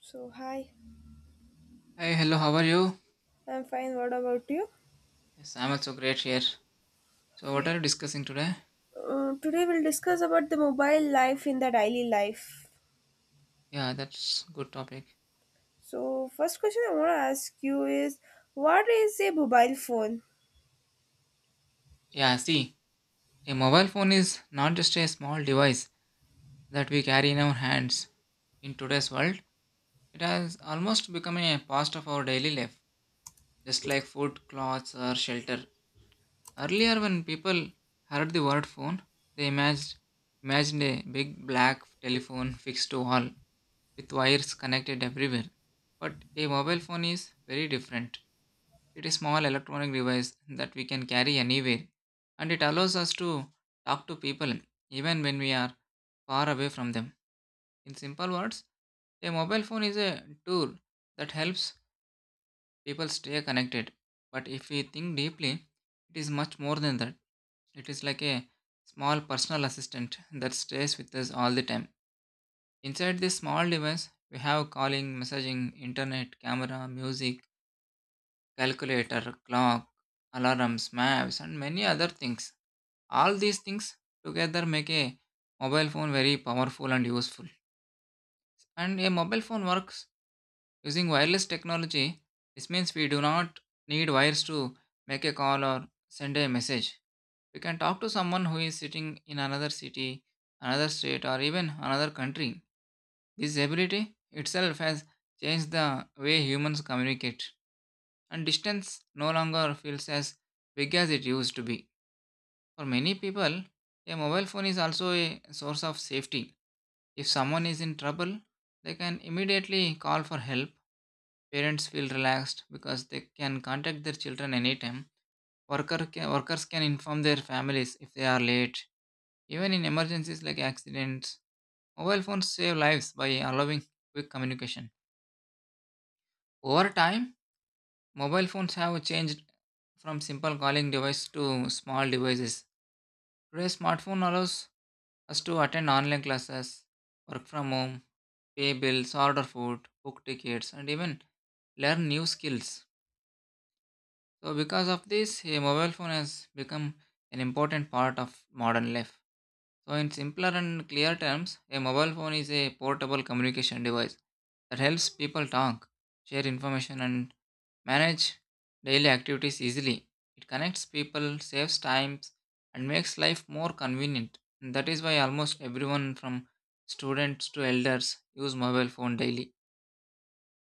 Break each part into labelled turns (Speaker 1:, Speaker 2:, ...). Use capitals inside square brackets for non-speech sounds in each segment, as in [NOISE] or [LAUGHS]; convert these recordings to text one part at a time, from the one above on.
Speaker 1: So, hi,
Speaker 2: Hi, hello, how are you?
Speaker 1: I'm fine. What about you?
Speaker 2: Yes, I'm also great here. So, what
Speaker 1: Okay.
Speaker 2: are you discussing today?
Speaker 1: Today we'll discuss about the mobile life in the daily life.
Speaker 2: Yeah, that's good topic.
Speaker 1: So, first question I want to ask you is what is a mobile phone?
Speaker 2: Yeah, see, a mobile phone is not just a small device that we carry in our hands. In today's world, it has almost become a part of our daily life, just like food, clothes, or shelter. Earlier, when people heard the word phone, they imagined, imagined a big black telephone fixed to wall with wires connected everywhere. But a mobile phone is very different. It is small electronic device that we can carry anywhere, and it allows us to talk to people even when we are far away from them. In simple words, a mobile phone is a tool that helps people stay connected. But if we think deeply, it is much more than that. It is like a small personal assistant that stays with us all the time. Inside this small device, we have calling, messaging, internet, camera, music, calculator, clock, alarms, maps, and many other things. All these things together make a mobile phone very powerful and useful, and a mobile phone works using wireless technology. This means we do not need wires to make a call or send a message. We can talk to someone who is sitting in another city, another state, or even another country. This ability itself has changed the way humans communicate, and distance no longer feels as big as it used to be. For many people, a mobile phone is also a source of safety. If someone is in trouble, they can immediately call for help. Parents feel relaxed because they can contact their children anytime. Workers can inform their families if they are late. Even in emergencies like accidents, mobile phones save lives by allowing quick communication. Over time, mobile phones have changed from simple calling device to small devices. Today, smartphone allows Has to attend online classes, work from home, pay bills, order food, book tickets, and even learn new skills. So, because of this, a mobile phone has become an important part of modern life. So, in simpler and clear terms, a mobile phone is a portable communication device that helps people talk, share information, and manage daily activities easily. It connects people, saves time, and makes life more convenient. And that is why almost everyone from students to elders use mobile phone daily.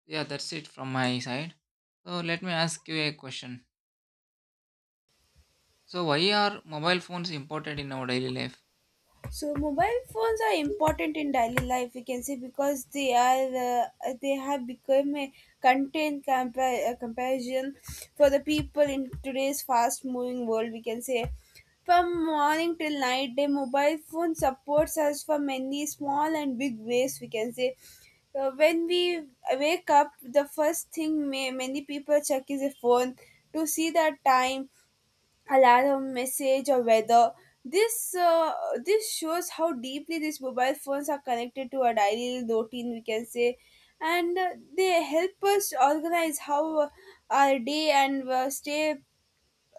Speaker 2: Yeah, that's it from my side. So let me ask you a question. So why are mobile phones important in our daily life?
Speaker 1: So mobile phones are important in daily life. We can say because they have become a a comparison for the people in today's fast-moving world. We can say from morning till night, the mobile phone supports us for many small and big ways. We can say when we wake up, the first thing many people check is a phone to see the time, alarm, message, or weather. This uh, this shows how deeply these mobile phones are connected to our daily routine, we can say. And they help us organize how our day and uh, stay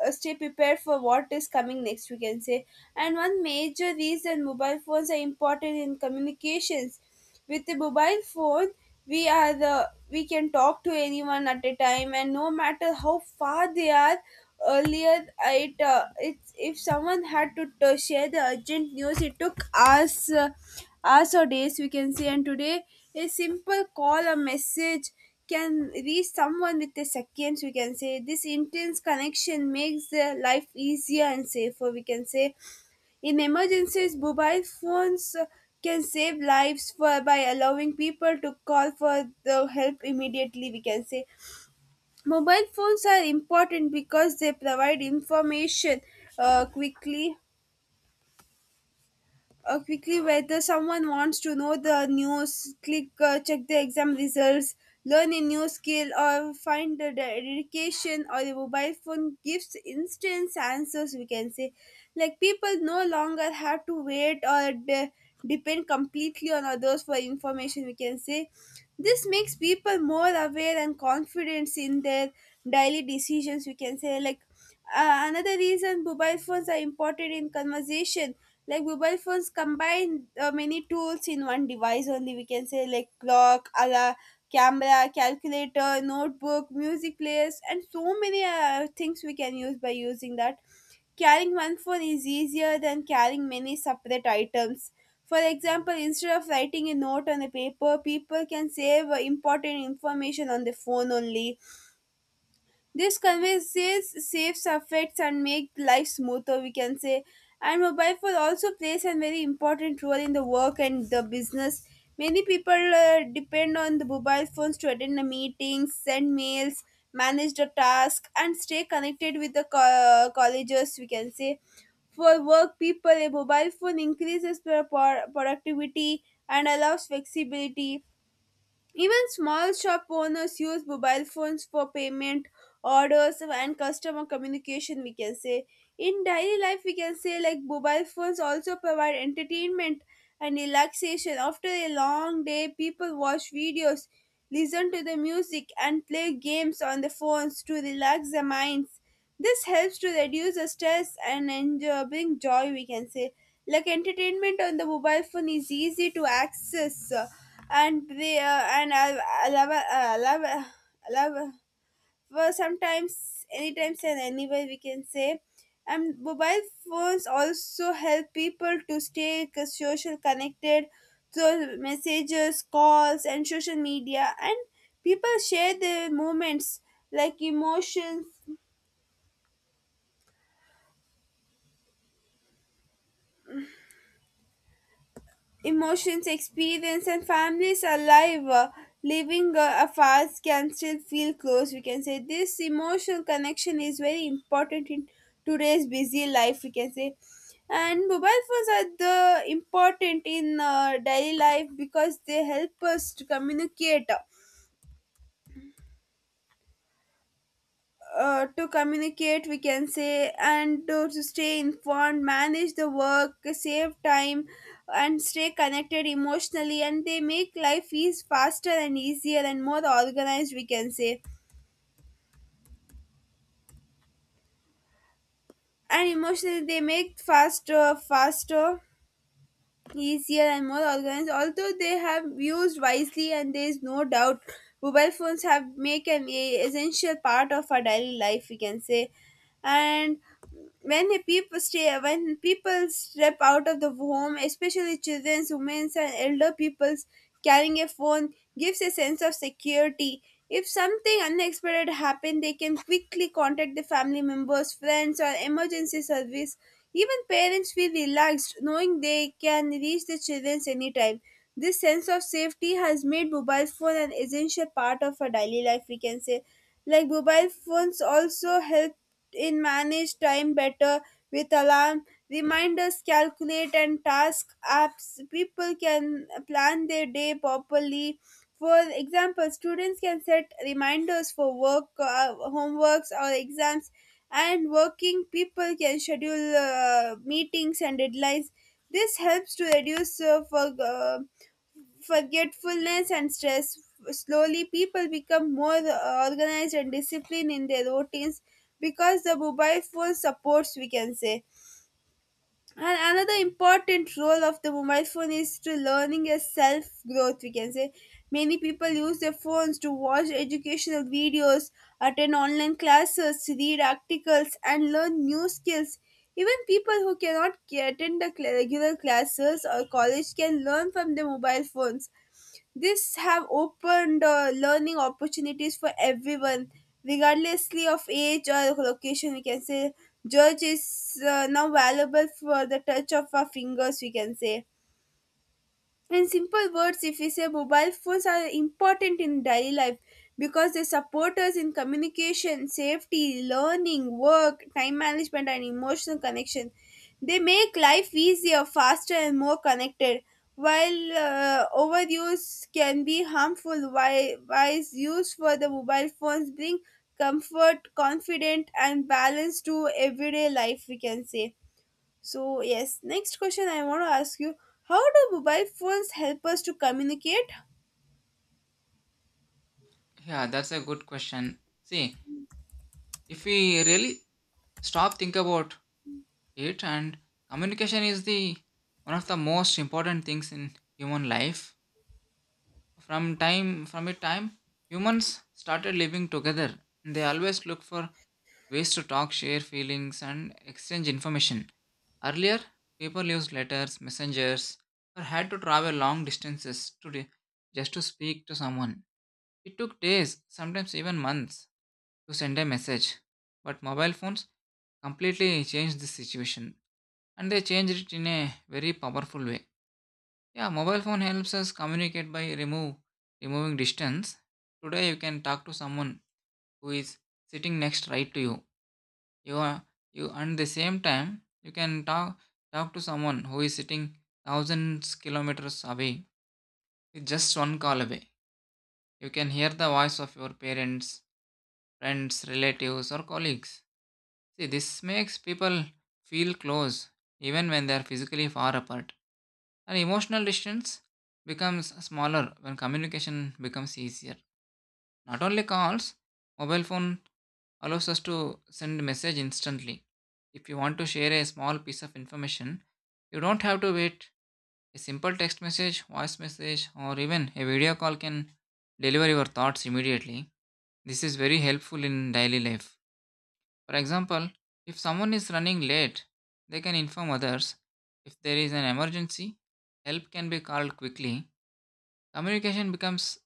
Speaker 1: uh, stay prepared for what is coming next, we can say. And one major reason mobile phones are important in communications. With the mobile phone, we are the we can talk to anyone at a time, and no matter how far they are. Earlier, it it's if someone had to share the urgent news, it took us hours or days, we can say. And today a simple call, a message, can reach someone with the seconds, we can say. This intense connection makes their life easier and safer, we can say. In emergencies, mobile phones can save lives for by allowing people to call for the help immediately, we can say. Mobile phones are important because they provide information uh, quickly quickly. Whether someone wants to know the news, click check the exam results, learn a new skill, or find a dedication, or a mobile phone gives instant answers, we can say. Like, people no longer have to wait or depend completely on others for information, we can say. This makes people more aware and confident in their daily decisions, we can say. Like, another reason mobile phones are important in conversation. Like, mobile phones combine many tools in one device only, we can say. Like clock, alarm, camera, calculator, notebook, music players, and so many things we can use by using that. Carrying one phone is easier than carrying many separate items. For example, instead of writing a note on a paper, people can save important information on the phone only. This conveys saves affects and make life smoother, we can say. And mobile phone also plays a very important role in the work and the business. Many people depend on the mobile phones to attend the meetings, send mails, manage the task, and stay connected with the colleges, we can say. For work people, a mobile phone increases their productivity and allows flexibility. Even small shop owners use mobile phones for payment, orders, and customer communication, we can say. In daily life, we can say, like, mobile phones also provide entertainment and relaxation. After a long day, people watch videos, listen to the music, and play games on the phones to relax their minds. This helps to reduce the stress and enjoy, bring joy, we can say. Like, entertainment on the mobile phone is easy to access, and they, and allow, allow, allow, well, sometimes, anytime and anywhere, we can say. And mobile phones also help people to stay social connected through messages, calls, and social media. And people share their moments, like emotions, experience, and families alive, living afar, can still feel close. We can say this emotional connection is very important in today's busy life, we can say. And mobile phones are the important in daily life because they help us to communicate uh, we can say, and to stay informed, manage the work, save time, and stay connected emotionally. And they make life is faster and easier and more organized, we can say. And emotionally they make faster, easier, and more organized, although they have used wisely. And there is no doubt mobile phones have make an essential part of our daily life, we can say. And when people step out of the home, especially children, women, and elder peoples, carrying a phone gives a sense of security. If something unexpected happens, they can quickly contact the family members, friends, or emergency service. Even parents feel relaxed knowing they can reach the children anytime. This sense of safety has made mobile phone an essential part of our daily life, we can say. Like, mobile phones also help in manage time better with alarm, reminders, calculate and task apps. People can plan their day properly. For example, students can set reminders for work, homeworks or exams, and working people can schedule meetings and deadlines. This helps to reduce forgetfulness and stress. Slowly, people become more organized and disciplined in their routines because the mobile phone supports, we can say. And another important role of the mobile phone is to learning a self growth, we can say. Many people use their phones to watch educational videos, attend online classes, read articles, and learn new skills. Even people who cannot attend the regular classes or college can learn from their mobile phones. This have opened learning opportunities for everyone, regardlessly of age or location, we can say. George is now available for the touch of our fingers, we can say. In simple words, if we say mobile phones are important in daily life because they support us in communication, safety, learning, work, time management, and emotional connection. They make life easier, faster, and more connected. While overuse can be harmful, wise use for the mobile phones bring comfort, confidence, and balance to everyday life, we can say. So, yes, next question I want to ask you, how do mobile phones help us to communicate?
Speaker 2: Yeah, that's a good question. See, if we really stop think about it and communication is the one of the most important things in human life. From a time humans started living together, they always look for ways to talk, share feelings, and exchange information. Earlier, people used letters, messengers, or had to travel long distances to just to speak to someone. It took days, sometimes even months, to send a message. But mobile phones completely changed the situation, and they changed it in a very powerful way. Yeah, mobile phone helps us communicate by remove removing distance. Today you can talk to someone who is sitting next right to you. You are you and the same time you can talk to someone who is sitting thousands kilometers away. With just one call away, you can hear the voice of your parents, friends, relatives, or colleagues. See, this makes people feel close even when they are physically far apart. And emotional distance becomes smaller when communication becomes easier. Not only calls, mobile phone allows us to send message instantly. If you want to share a small piece of information, you don't have to wait. A simple text message, voice message, or even a video call can deliver your thoughts immediately. This is very helpful in daily life. For example, if someone is running late, they can inform others. If there is an emergency, help can be called quickly. Communication becomes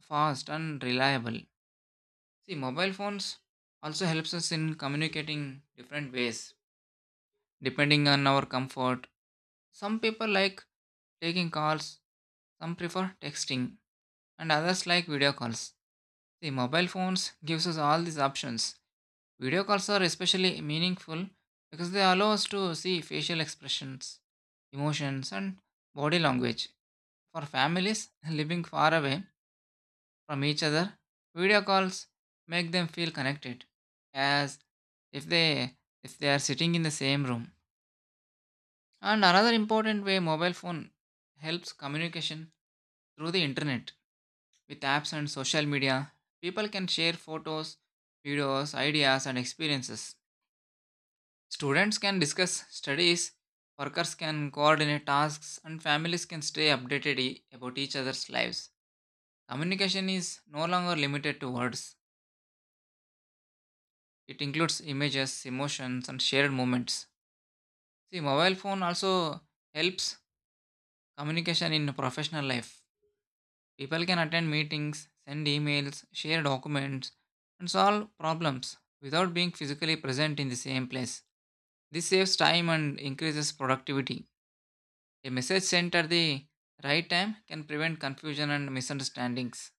Speaker 2: fast and reliable. See, mobile phones also helps us in communicating different ways depending on our comfort. Some people like taking calls, some prefer texting, and others like video calls. See, mobile phones gives us all these options. Video calls are especially meaningful because they allow us to see facial expressions, emotions, and body language. For families [LAUGHS] living far away from each other, video calls make them feel connected, as if they if they are sitting in the same room. And another important way mobile phone helps communication through the internet. With apps and social media, people can share photos, videos, ideas, and experiences. Students can discuss studies, workers can coordinate tasks, and families can stay updated about each other's lives. Communication is no longer limited to words, it includes images, emotions, and shared moments. See, mobile phone also helps communication in professional life. People can attend meetings, send emails, share documents, and solve problems without being physically present in the same place. This saves time and increases productivity. A message sent at the right time can prevent confusion and misunderstandings.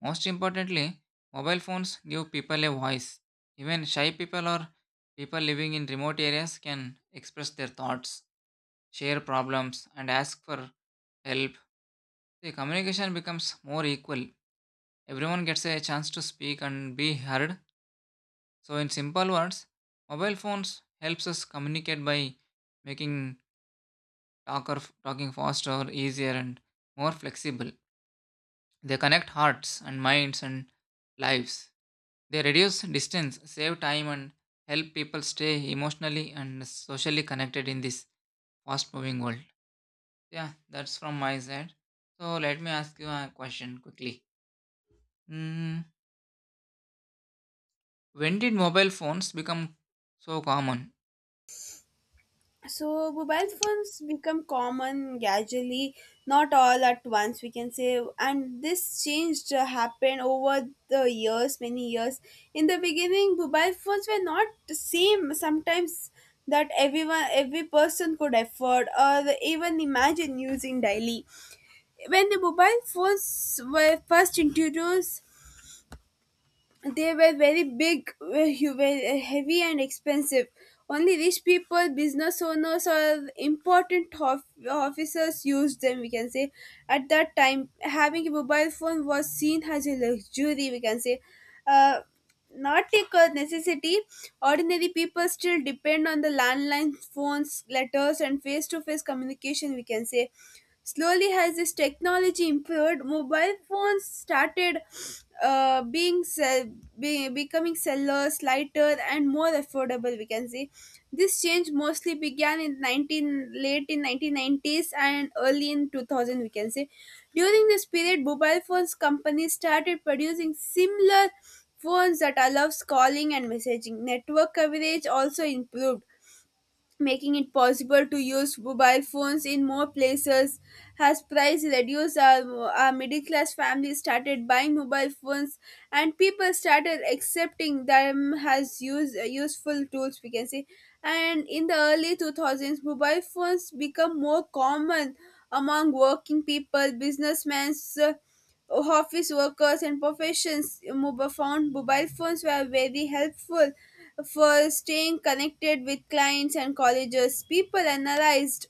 Speaker 2: Most importantly, mobile phones give people a voice. Even shy people or people living in remote areas can express their thoughts, share problems, and ask for help. The communication becomes more equal. Everyone gets a chance to speak and be heard. So, in simple words, mobile phones helps us communicate by making talking faster, easier, and more flexible. They connect hearts and minds and lives. They reduce distance, save time, and help people stay emotionally and socially connected in this fast moving world. Yeah, that's from my side. So let me ask you a question quickly. Mm, when did mobile phones become so common?
Speaker 1: So, mobile phones become common gradually, not all at once, we can say. And this changed happened over the years, many years. In the beginning, mobile phones were not the same sometimes that everyone, every person, could afford or even imagine using daily. When the mobile phones were first introduced, they were very big, very heavy, and expensive. Only rich people, business owners, or important officers used them, we can say. At that time, having a mobile phone was seen as a luxury, we can say. Uh, Not like a necessity. Ordinary people still depend on the landline phones, letters, and face to face communication, we can say. Slowly, as this technology improved, mobile phones started uh, being sell- becoming sellers, lighter, and more affordable, we can see. This change mostly began in 19 late in 1990s and early in 2000, we can say. During this period, mobile phones companies started producing similar phones that allows calling and messaging. Network coverage also improved, making it possible to use mobile phones in more places. As price reduced, our middle class families started buying mobile phones, and people started accepting them as useful tools, we can say. And in the early two thousands, mobile phones become more common among working people, businessmen, uh, office workers and professions. Mobile, phone, mobile phones were very helpful for staying connected with clients and colleges. People analyzed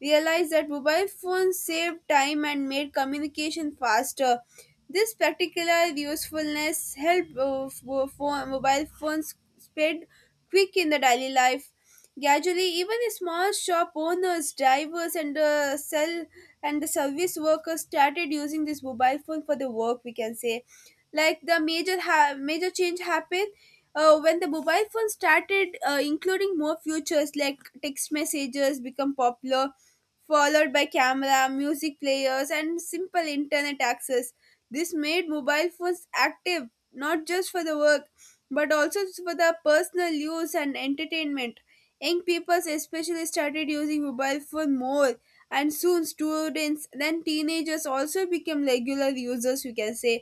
Speaker 1: realized that mobile phones saved time and made communication faster. This particular usefulness helped mobile phones spread quick in the daily life. Gradually, even small shop owners, drivers, and sell and the service workers started using this mobile phone for the work, we can say. Like, the major change happened when the mobile phone started including more features. Like text messages become popular, followed by camera, music players, and simple internet access. This made mobile phones active not just for the work, but also for the personal use and entertainment. Young people especially started using mobile phone more, and soon students, then teenagers, also became regular users, you can say.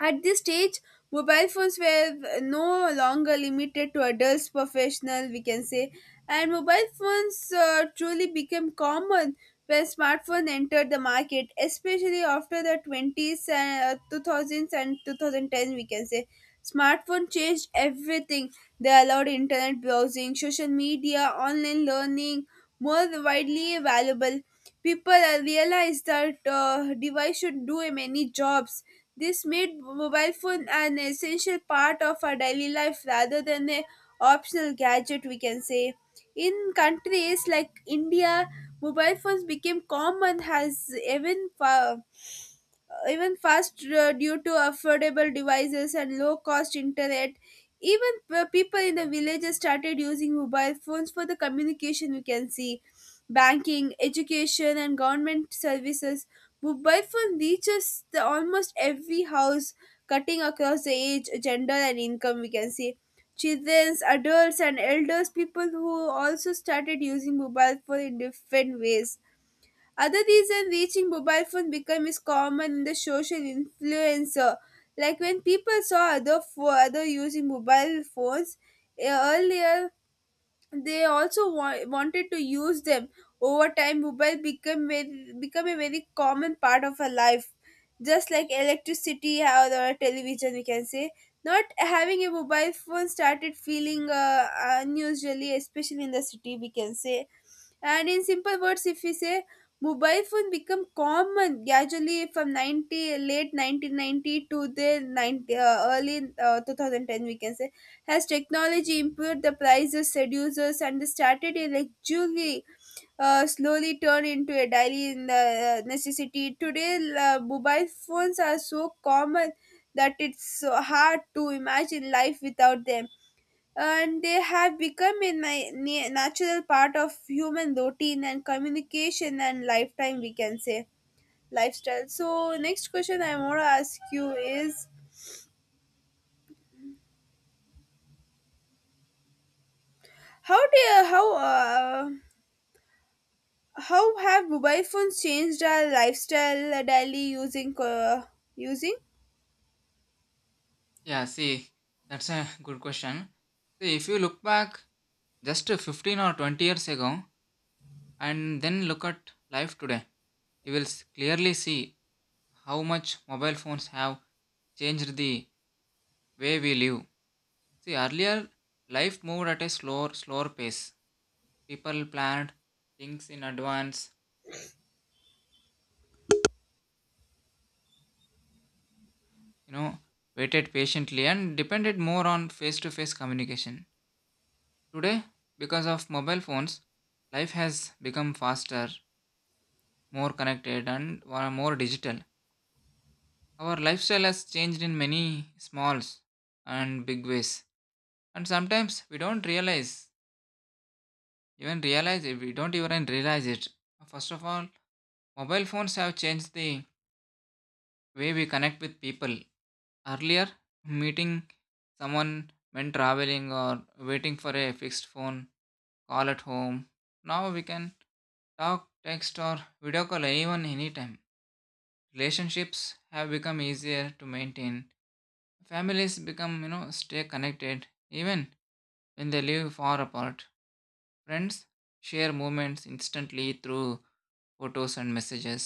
Speaker 1: At this stage, mobile phones were no longer limited to adults, professional, we can say. And mobile phones truly became common when smartphone entered the market, especially after the 20s and 2000s and 2010, we can say. Smartphone changed everything. They allowed internet browsing, social media, online learning, more widely available. People realized that device should do many jobs. This made mobile phone an essential part of our daily life rather than a optional gadget. We can say in countries like India, mobile phones became common has even far even fast due to affordable devices and low cost internet. Even people in the villages started using mobile phones for the communication, you can see, banking, education and government services. Mobile phone reaches the almost every house, cutting across the age, gender and income, we can see. Children, adults and elders people who also started using mobile phone in different ways. Other reason reaching mobile phone become is common in the social influencer. Like when people saw other for other using mobile phones earlier, they also wanted to use them. Over time mobile become a very common part of our life, just like electricity or the television, we can say. Not having a mobile phone started feeling unusually, especially in the city, we can say. And in simple words, if we say, mobile phone become common gradually from 90, late 1990 to the early 2010, we can say. Has technology improved, the prices, seducers, and the strategy like jewelry slowly turn into a daily necessity? Today, mobile phones are so common that it's so hard to imagine life without them. And they have become a natural part of human routine and communication and lifetime, we can say, lifestyle. So next question I want to ask you is how do you, how have mobile phones changed our lifestyle daily using?
Speaker 2: Yeah, see, that's a good question. See, if you look back just 15 or 20 years ago and then look at life today, you will clearly see how much mobile phones have changed the way we live. See, earlier life moved at a slower pace. People planned things in advance, you know, waited patiently and depended more on face to face communication. Today, because of mobile phones, life has become faster, more connected, and more digital. Our lifestyle has changed in many smalls and big ways, and sometimes we don't realize even realize it First of all, mobile phones have changed the way we connect with people. Earlier, meeting someone when traveling or waiting for a fixed phone call at home, now we can talk, text, or video call anyone anytime. Relationships have become easier to maintain. Families become, you know, stay connected even when they live far apart. Friends share moments instantly through photos and messages.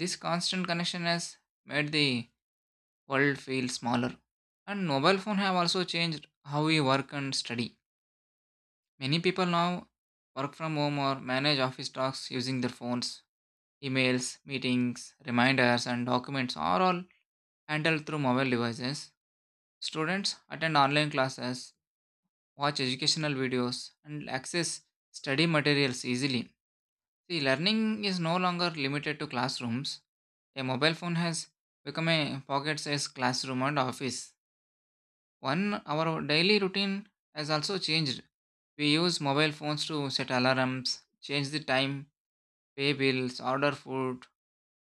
Speaker 2: This constant connection has made the world feel smaller. And mobile phone have also changed how we work and study. Many people now work from home or manage office tasks using their phones. Emails, meetings, reminders and documents are all handled through mobile devices. Students attend online classes, watch educational videos and access study materials easily. See, learning is no longer limited to classrooms. A mobile phone has become a pocket sized classroom and office. One, our daily routine has also changed. We use mobile phones to set alarms, change the time, pay bills, order food,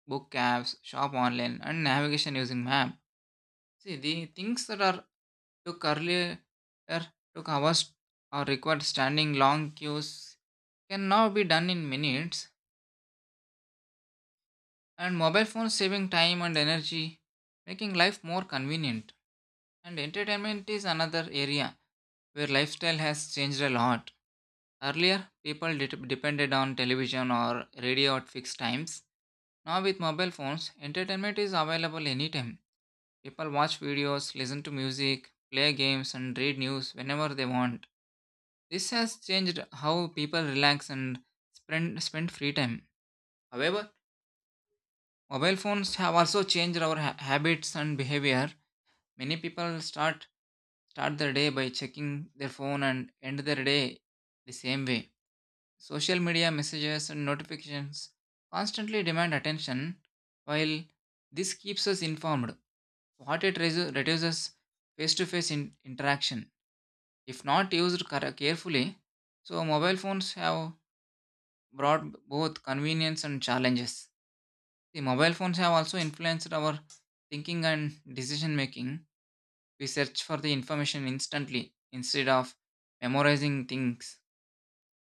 Speaker 2: book cabs, shop online, and navigation using map. See, the things that are took earlier er, took hours or required standing long queues can now be done in minutes, and mobile phones saving time and energy, making life more convenient. And entertainment is another area where lifestyle has changed a lot. Earlier, people depended on television or radio at fixed times. Now, with mobile phones, entertainment is available anytime. People watch videos, listen to music, play games, and read news whenever they want. This has changed how people relax and spend free time. However, mobile phones have also changed our habits and behavior. Many people start their day by checking their phone and end their day the same way. Social media messages and notifications constantly demand attention, while this keeps us informed. What it reduces face to face interaction. If not used carefully, so mobile phones have brought both convenience and challenges. The mobile phones have also influenced our thinking and decision making. We search for the information instantly instead of memorizing things.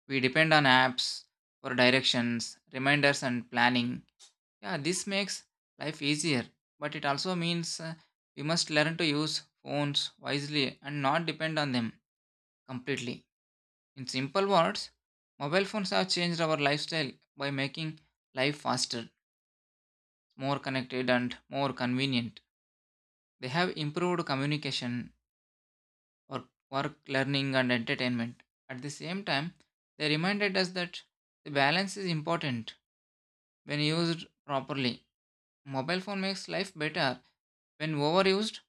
Speaker 2: We depend on apps for directions, reminders, and planning. Yeah, this makes life easier, but it also means we must learn to use phones wisely and not depend on them completely. In simple words, mobile phones have changed our lifestyle by making life faster, more connected, and more convenient. They have improved communication, or work, learning, and entertainment. At the same time, they reminded us that the balance is important when used properly. Mobile phone makes life better. When overused,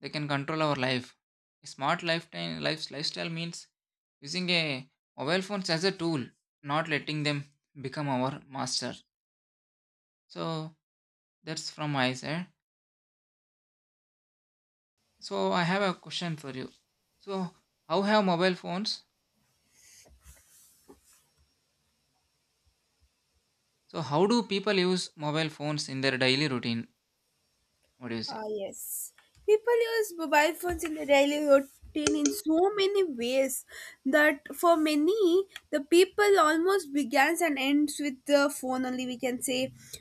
Speaker 2: they can control our life. A smart lifetime life's lifestyle means using a mobile phones as a tool, not letting them become our master. So that's from my side. So I have a question for you. So how have mobile phones? So how do people use mobile phones in their daily routine? What is it?
Speaker 1: Ah, yes. People use mobile phones in their daily routine in so many ways that for many, the people almost begins and ends with the phone only, we can say.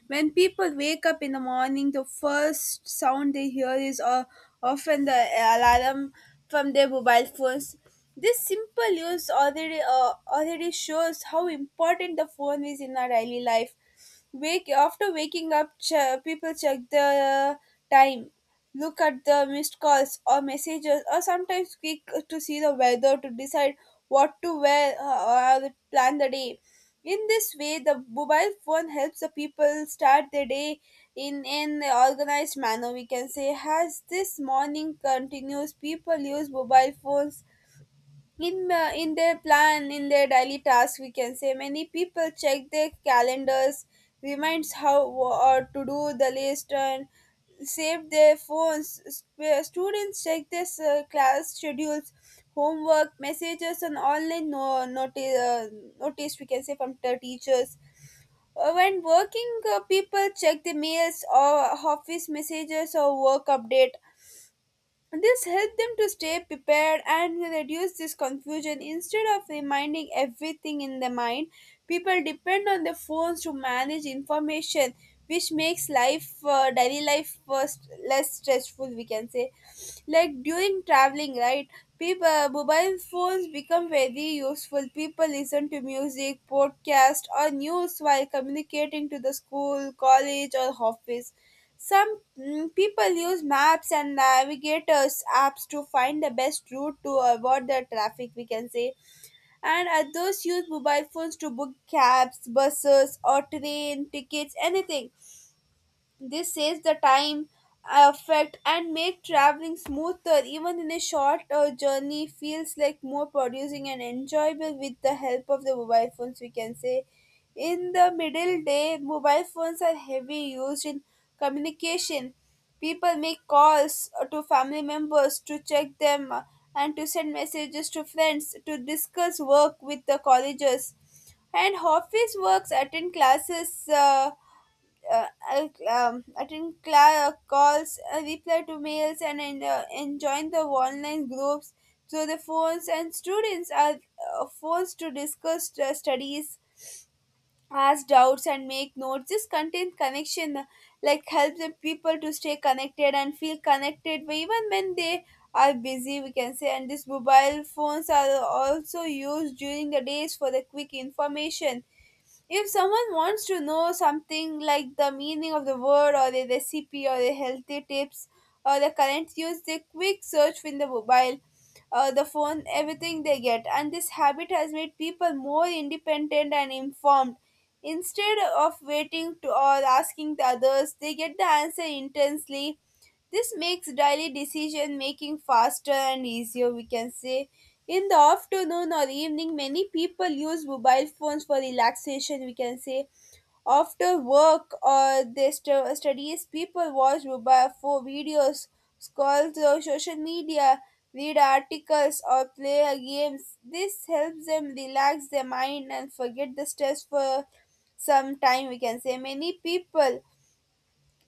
Speaker 1: When people wake up in the morning, the first sound they hear is often the alarm from their mobile phones. This simple use already shows how important the phone is in our daily life. Wake after waking up, people check the time, look at the missed calls or messages, or sometimes click to see the weather to decide what to wear or plan the day. In this way, the mobile phone helps the people start their day in an organized manner. We can say, as this morning continues, people use mobile phones in their plan in their daily task, we can say. Many people check their calendars, reminds how or to do the list and save their phones. Students check their class schedules, homework messages and online notice, we can say, from the teachers. When working people check the mails or office messages or work update. This helped them to stay prepared and reduce this confusion. Instead of reminding everything in the mind, people depend on their phones to manage information, which makes life, daily life, first less stressful. We can say, like during traveling, right? People, mobile phones become very useful. People listen to music, podcast, or news while communicating to the school, college, or office. Some people use maps and navigators apps to find the best route to avoid the traffic, we can say. And others use mobile phones to book cabs, buses, or train tickets, anything. This saves the time, effort, and make traveling smoother. Even in a short journey, feels like more producing and enjoyable with the help of the mobile phones. We can say, in the middle day, mobile phones are heavy used in communication. People make calls to family members to check them and to send messages to friends, to discuss work with the colleges and office works, attend classes uh, attend calls, reply to mails, and join the online groups. So the phones and students are forced to discuss studies, ask doubts, and make notes. This content connection like helps the people to stay connected and feel connected, but even when they are busy. We can say, and these mobile phones are also used during the days for the quick information. If someone wants to know something like the meaning of the word or the recipe or the healthy tips or the current use, they quick search in the mobile or the phone, everything they get. And this habit has made people more independent and informed. Instead of waiting to or asking the others, they get the answer intensely. This makes daily decision making faster and easier, we can say. In the afternoon or evening, many people use mobile phones for relaxation, we can say. After work or their studies, people watch mobile phone videos, scroll through social media, read articles, or play games. This helps them relax their mind and forget the stress for some time, we can say. Many people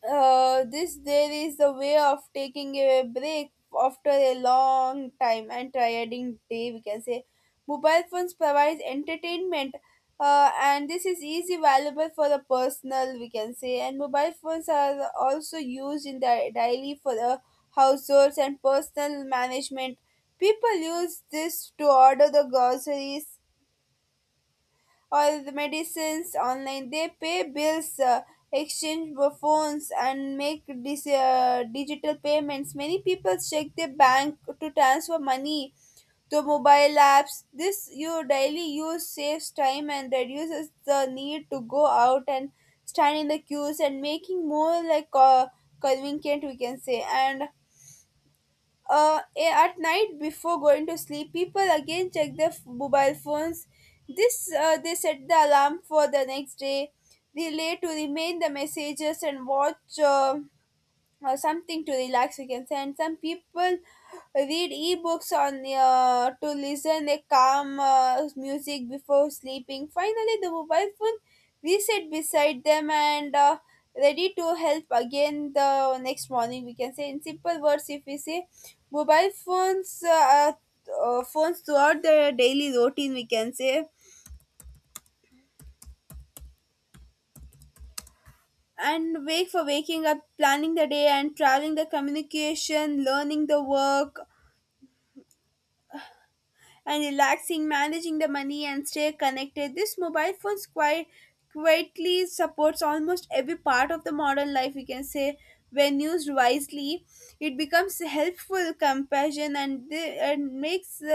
Speaker 1: uh, this there is a way of taking a break after a long time and tiring day, we can say. Mobile phones provides entertainment and this is easy valuable for the personal, we can say. And mobile phones are also used in the daily for the households and personal management. People use this to order the groceries or the medicines online. They pay bills, exchange phones, and make digital payments. Many people check their bank to transfer money to mobile apps. This your daily use saves time and reduces the need to go out and stand in the queues and making more like convenient, we can say. And at night before going to sleep, people again check their mobile phones. This They set the alarm for the next day, relay to remain the messages and watch. Or something to relax, we can say. And some people read ebooks on to listen a calm music before sleeping. Finally the mobile phone we sit beside them and ready to help again the next morning, we can say. In simple words, if we say, mobile phones throughout the daily routine, we can say. And wake for waking up, planning the day and traveling, the communication, learning, the work and relaxing, managing the money and stay connected. This mobile phones quite quietly supports almost every part of the modern life, we can say. When used wisely, it becomes helpful compassion and makes the